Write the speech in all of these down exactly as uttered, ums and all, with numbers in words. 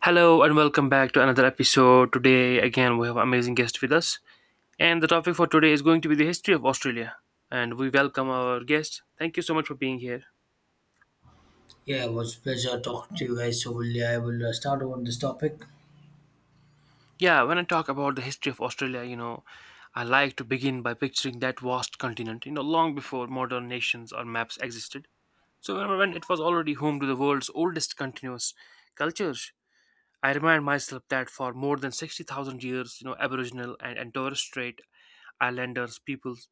Hello and welcome back to another episode. Today again we have amazing guest with us and the topic for today is going to be the history of Australia and we welcome our guest. Thank you so much for being here. Yeah, it was a pleasure talking to you guys. So, will, I will uh, start on this topic. Yeah, when I talk about the history of Australia, you know, I like to begin by picturing that vast continent, you know, long before modern nations or maps existed. So when when it was already home to the world's oldest continuous cultures, I remind myself that for more than sixty thousand years, you know, Aboriginal and, and Torres Strait Islanders peoples,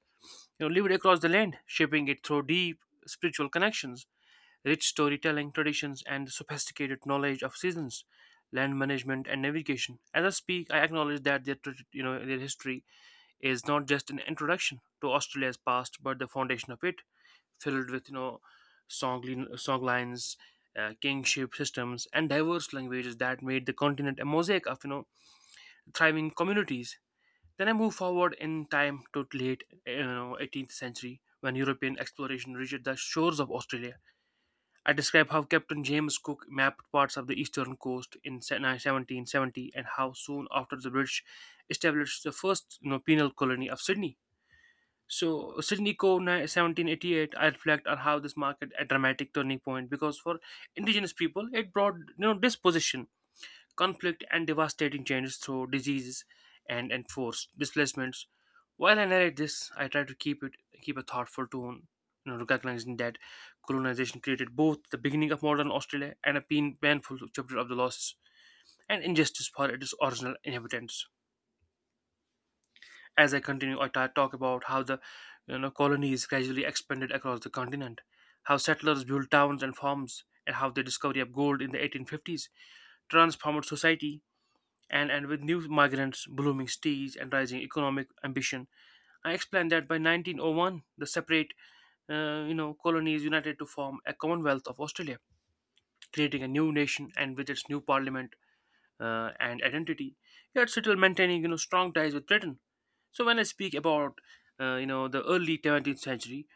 you know, lived across the land, shaping it through deep spiritual connections, rich storytelling traditions, and the sophisticated knowledge of seasons, land management, and navigation. As I speak, I acknowledge that their, tra- you know, their history is not just an introduction to Australia's past, but the foundation of it, filled with you know, song, lin- song lines. Uh, kingship systems and diverse languages that made the continent a mosaic of you know thriving communities. Then I move forward in time to late you know, eighteenth century when European exploration reached the shores of Australia. I describe how Captain James Cook mapped parts of the eastern coast in seventeen seventy and how soon after the British established the first you know, penal colony of Sydney. So Sydney Co. ni- seventeen eighty-eight, I reflect on how this marked a dramatic turning point, because for indigenous people it brought you know disposition, conflict, and devastating changes through diseases and, and forced displacements. While I narrate this, I try to keep it keep a thoughtful tone, you know, recognizing that colonization created both the beginning of modern Australia and a pain, painful chapter of the losses and injustice for its original inhabitants. As I continue, I ta- talk about how the you know, colonies gradually expanded across the continent, how settlers built towns and farms, and how the discovery of gold in the eighteen fifties transformed society, and, and with new migrants, blooming cities, and rising economic ambition. I explained that by nineteen oh one, the separate uh, you know, colonies united to form a Commonwealth of Australia, creating a new nation and with its new parliament uh, and identity, yet still maintaining you know strong ties with Britain. So when I speak about uh, you know the early seventeenth century,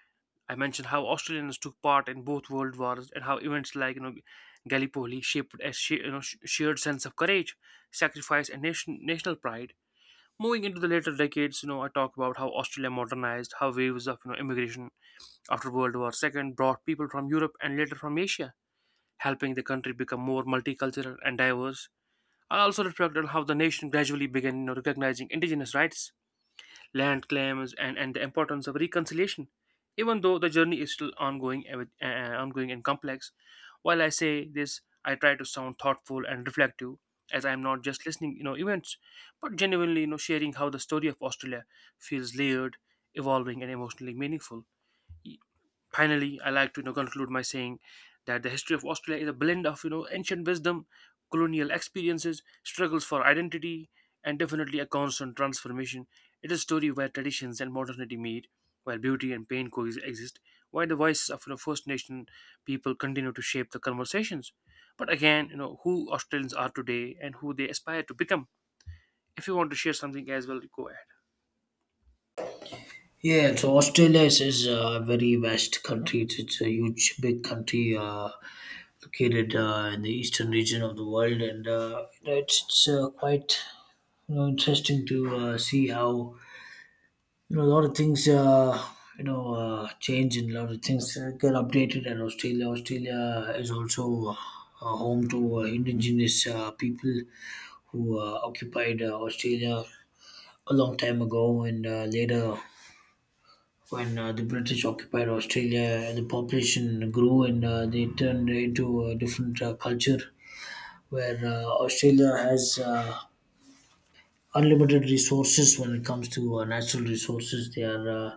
I mention how Australians took part in both world wars and how events like you know Gallipoli shaped a sh- you know, sh- shared sense of courage, sacrifice, and nation- national pride. Moving into the later decades, you know, I talk about how Australia modernized, how waves of you know immigration after World War two brought people from Europe and later from Asia, helping the country become more multicultural and diverse. I also reflect on how the nation gradually began you know, recognizing indigenous rights, land claims, and, and the importance of reconciliation, even though the journey is still ongoing, and with- uh, ongoing and complex. While I say this, I try to sound thoughtful and reflective, as I am not just listening, you know, events, but genuinely, you know, sharing how the story of Australia feels layered, evolving, and emotionally meaningful. Finally, I like to you know, conclude by saying that the history of Australia is a blend of you know ancient wisdom, colonial experiences, struggles for identity, and definitely a constant transformation. It is a story where traditions and modernity meet, where beauty and pain coexist, where the voices of you know, First Nation people continue to shape the conversations. But again, you know who Australians are today and who they aspire to become. If you want to share something as well, go ahead. Yeah, so Australia is, is a very vast country. It's, it's a huge, big country uh, located uh, in the eastern region of the world, and uh, you know, it's, it's uh, quite you know interesting to uh, see how you know a lot of things uh, you know uh, change, and a lot of things uh, get updated in Australia. Australia is also uh, home to uh, indigenous uh, people who uh, occupied uh, Australia a long time ago, and uh, later, when uh, the British occupied Australia, the population grew, and uh, they turned into a different uh, culture where uh, Australia has uh, unlimited resources when it comes to uh, natural resources. They are uh,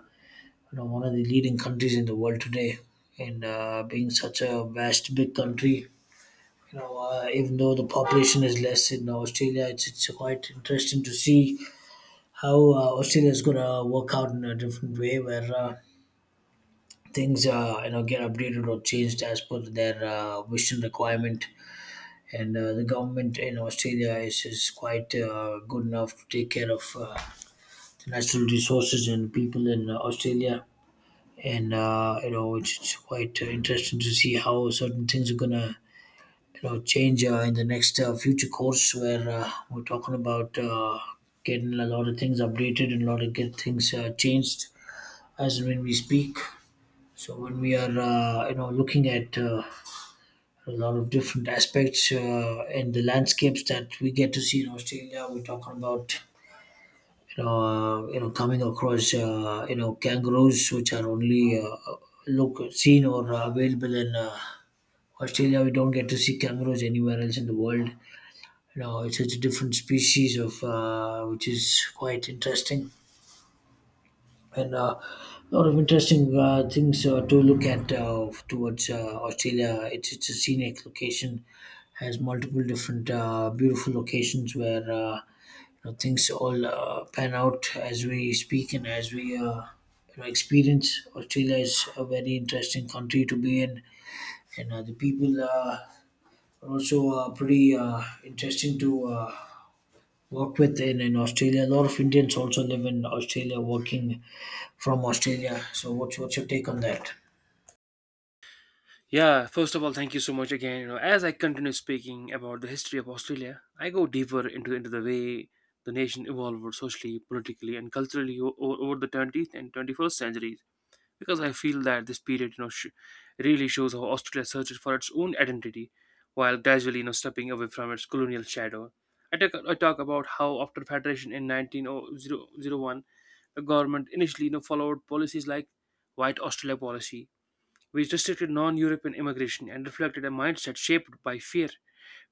you know, one of the leading countries in the world today, and uh, being such a vast, big country. You know, uh, even though the population is less in Australia, it's, it's quite interesting to see how uh, Australia is going to work out in a different way, where uh, things uh, you know get updated or changed as per their uh, wish and requirement, and uh, the government in australia is, is quite uh, good enough to take care of uh, the natural resources and people in uh, australia. And uh, you know it's, it's quite uh, interesting to see how certain things are gonna you know change uh, in the next uh, future course, where uh, we're talking about uh, getting a lot of things updated and a lot of get things uh, changed as and when we speak. So when we are uh, you know looking at uh, a lot of different aspects uh, in the landscapes that we get to see in Australia, we're talking about you know uh, you know coming across uh, you know kangaroos, which are only uh, look seen or uh, available in uh, Australia. We don't get to see kangaroos anywhere else in the world. You know, it's such a different species of uh, which is quite interesting. And uh, a lot of interesting uh, things uh, to look at uh, towards uh, Australia. It's it's a scenic location, has multiple different uh, beautiful locations where uh, you know, things all uh, pan out as we speak and as we uh, you know, experience. Australia is a very interesting country to be in, and uh, the people uh, are also uh, pretty uh, interesting to. Uh, work with in, in Australia. A lot of Indians also live in Australia, working from Australia. So what's what's your take on that? Yeah, first of all, thank you so much again. You know, as I continue speaking about the history of Australia, I go deeper into into the way the nation evolved socially, politically, and culturally o- o- over the twentieth and twenty-first centuries, because I feel that this period, you know, sh- really shows how Australia searches for its own identity, while gradually, you know, stepping away from its colonial shadow. I talk, I talk about how after federation in nineteen oh one, the government initially, you know, followed policies like White Australia policy, which restricted non-European immigration and reflected a mindset shaped by fear,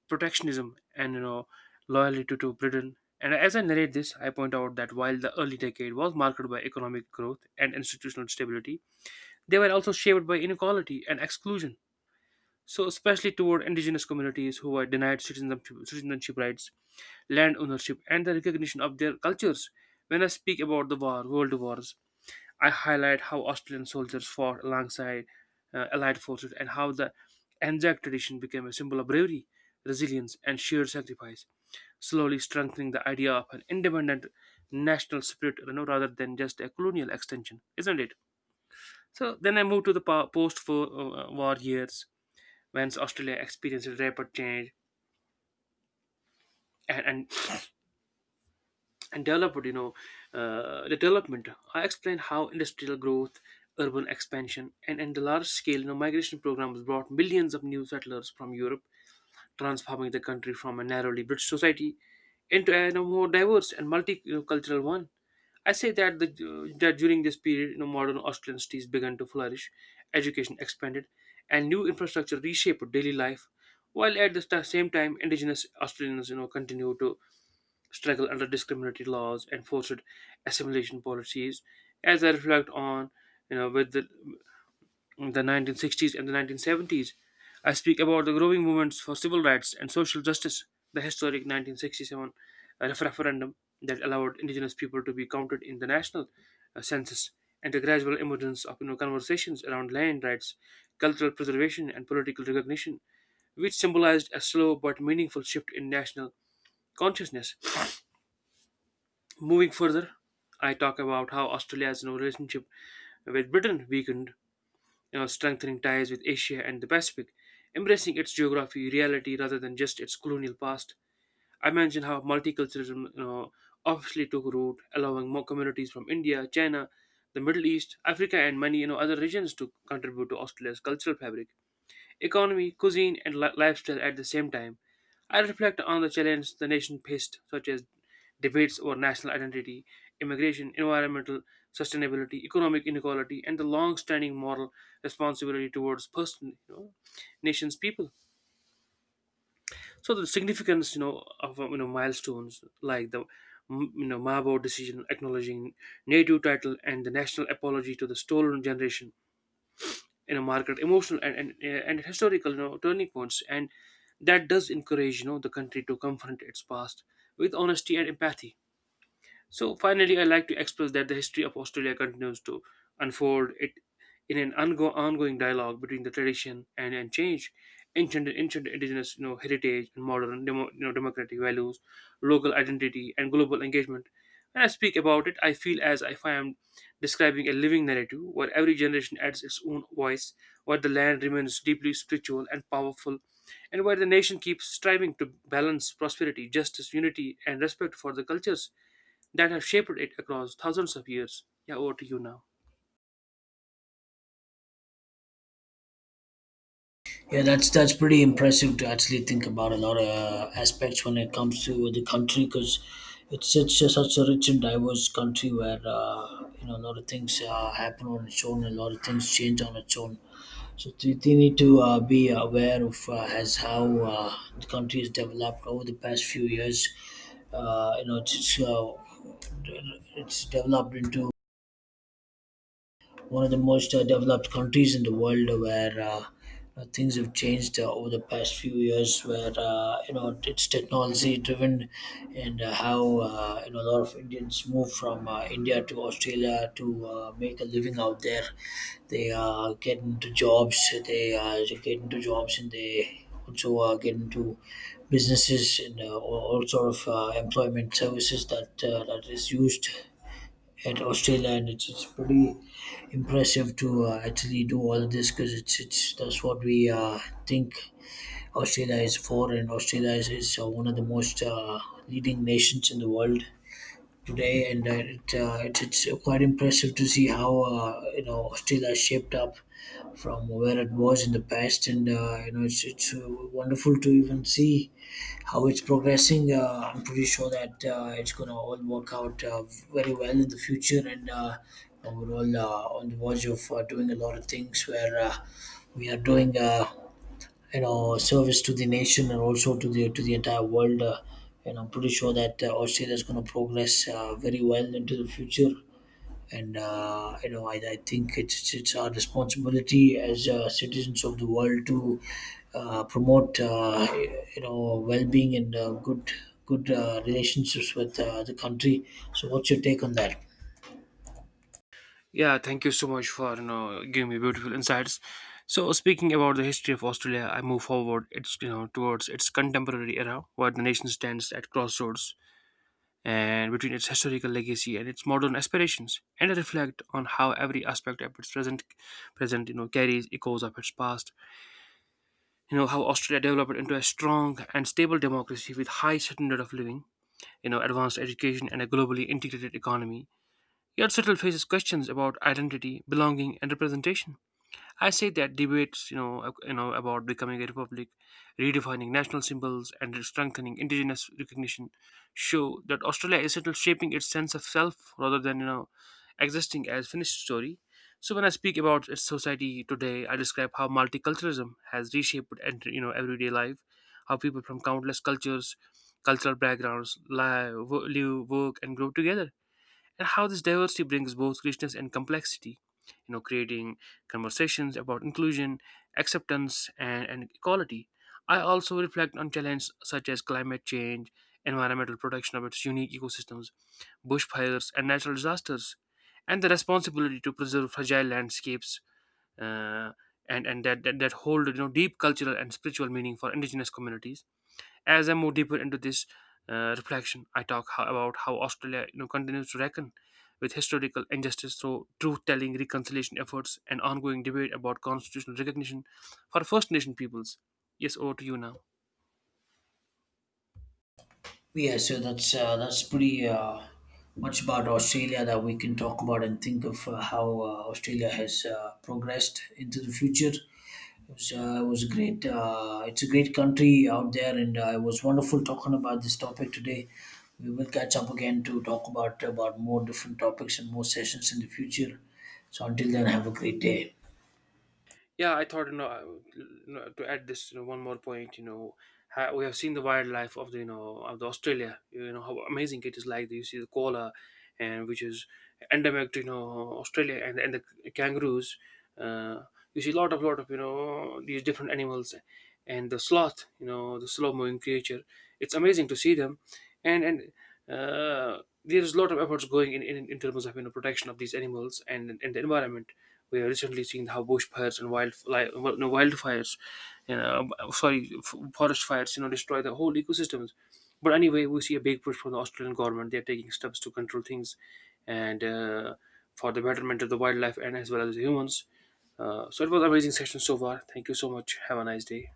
protectionism, and you know loyalty to Britain. And as I narrate this, I point out that while the early decade was marked by economic growth and institutional stability, they were also shaped by inequality and exclusion, so especially toward indigenous communities who were denied citizenship, citizenship rights, land ownership, and the recognition of their cultures. When I speak about the war, world wars, I highlight how Australian soldiers fought alongside uh, Allied forces and how the Anzac tradition became a symbol of bravery, resilience, and sheer sacrifice, slowly strengthening the idea of an independent national spirit, you know, rather than just a colonial extension, isn't it? So then I move to the post war years whence Australia experienced rapid change and and, and developed, you know, uh, the development. I explained how industrial growth, urban expansion, and, and the large scale you know, migration programs brought millions of new settlers from Europe, transforming the country from a narrowly British society into a you know, more diverse and multicultural one. I say that the, that during this period, you know, modern Australian cities began to flourish, education expanded, and new infrastructure reshaped daily life, while at the sta- same time, Indigenous Australians, you know, continue to struggle under discriminatory laws and forced assimilation policies. As I reflect on, you know, with the in the nineteen sixties and the nineteen seventies, I speak about the growing movements for civil rights and social justice, the historic nineteen sixty-seven ref- referendum that allowed indigenous people to be counted in the national uh, census, and the gradual emergence of you know, conversations around land rights, cultural preservation, and political recognition, which symbolized a slow but meaningful shift in national consciousness. Moving further, I talk about how Australia's you know, relationship with Britain weakened, you know, strengthening ties with Asia and the Pacific, embracing its geography, reality rather than just its colonial past. I mentioned how multiculturalism, you know, obviously took root, allowing more communities from India, China, the Middle East, Africa, and many you know other regions to contribute to Australia's cultural fabric, economy, cuisine, and li- lifestyle at the same time. I reflect on the challenges the nation faced, such as debates over national identity, immigration, environmental sustainability, economic inequality, and the long-standing moral responsibility towards person, you know, nation's people. So the significance, you know, of um, you know milestones like the mm, you know Mabo decision, acknowledging native title and the national apology to the stolen generation, in a market emotional and and, uh, and historical you know turning points, and that does encourage you know the country to confront its past with honesty and empathy. So finally, I like to express that the history of Australia continues to unfold it in an ongo- ongoing dialogue between the tradition and, and change, ancient ancient indigenous you know heritage and modern demo, you know democratic values, local identity and global engagement. When I speak about it, I feel as if I am describing a living narrative where every generation adds its own voice, where the land remains deeply spiritual and powerful, and where the nation keeps striving to balance prosperity, justice, unity, and respect for the cultures that have shaped it across thousands of years. Yeah, over to you now. Yeah, that's that's pretty impressive to actually think about a lot of uh, aspects when it comes to the country, because it's it's just such a rich and diverse country where uh, you know a lot of things uh, happen on its own, a lot of things change on its own. So do you need to uh, be aware of uh, as how uh, the country has developed over the past few years. Uh, you know, it's it's, uh, it's developed into one of the most uh, developed countries in the world, where uh, uh, things have changed uh, over the past few years. Where uh, you know it's technology driven, and uh, how uh, you know a lot of Indians move from uh, India to Australia to uh, make a living out there. They uh, get into jobs. They uh, get into jobs, and they also uh, get into businesses and uh, all, all sort of uh, employment services that uh, that is used at Australia, and it's, it's pretty impressive to uh, actually do all of this, because it's it's that's what we uh, think Australia is for. And Australia is, is uh, one of the most uh, leading nations in the world today, and uh, it, uh, it's it's uh, quite impressive to see how uh, you know Australia has shaped up from where it was in the past, and uh, you know it's it's uh, wonderful to even see how it's progressing. Uh, I'm pretty sure that uh, it's going to all work out uh, very well in the future, and uh, you know, we're all uh, on the verge of uh, doing a lot of things where uh, we are doing. Uh, you know service to the nation and also to the to the entire world. Uh, and I'm pretty sure that uh, Australia is going to progress uh, very well into the future. And uh, you know, I, I think it's it's our responsibility as uh, citizens of the world to uh, promote uh, you know well-being and uh, good good uh, relationships with uh, the country. So, what's your take on that? Yeah, thank you so much for you know giving me beautiful insights. So speaking about the history of Australia, I move forward. It's you know towards its contemporary era, where the nation stands at crossroads and between its historical legacy and its modern aspirations, and I reflect on how every aspect of its present, present you know carries echoes of its past. You know how Australia developed into a strong and stable democracy with high standard of living, you know advanced education, and a globally integrated economy. Yet Settle faces questions about identity, belonging, and representation. I say that debates, you know, ac- you know, about becoming a republic, redefining national symbols, and strengthening indigenous recognition, show that Australia is still shaping its sense of self rather than you know, existing as finished story. So when I speak about its society today, I describe how multiculturalism has reshaped and you know everyday life, how people from countless cultures, cultural backgrounds live, wo- live work, and grow together, and how this diversity brings both richness and complexity, you know creating conversations about inclusion, acceptance, and, and equality. I also reflect on challenges such as climate change, environmental protection of its unique ecosystems, bushfires and natural disasters, and the responsibility to preserve fragile landscapes, uh, and and that, that that hold you know deep cultural and spiritual meaning for indigenous communities. As I move deeper into this uh, reflection, I talk ho- about how Australia you know, continues to reckon with historical injustice through truth-telling, reconciliation efforts, and ongoing debate about constitutional recognition for First Nation peoples. Yes, over to you now. Yeah, so that's uh, that's pretty uh, much about Australia that we can talk about and think of uh, how uh, Australia has uh, progressed into the future. It was, uh, it was a great. Uh, it's a great country out there, and uh, it was wonderful talking about this topic today. We will catch up again to talk about about more different topics and more sessions in the future. So until then, have a great day. Yeah, I thought, you know, I would- you know, to add this, you know, one more point, you know, ha- we have seen the wildlife of the, you know, of the Australia, you know, how amazing it is, like, you see the koala, and which is endemic to, you know, Australia, and, and the kangaroos. uh, you see a lot of, lot of, you know, these different animals, and the sloth, you know, the slow-moving creature. It's amazing to see them, and, and uh, there is a lot of efforts going in, in, in, terms of you know protection of these animals and and the environment. We have recently seen how bushfires and wild li- no, wildfires, you know, um, sorry, f- forest fires, you know, destroy the whole ecosystems. But anyway, we see a big push from the Australian government. They are taking steps to control things, and uh, for the betterment of the wildlife and as well as the humans. Uh, so it was an amazing session so far. Thank you so much. Have a nice day.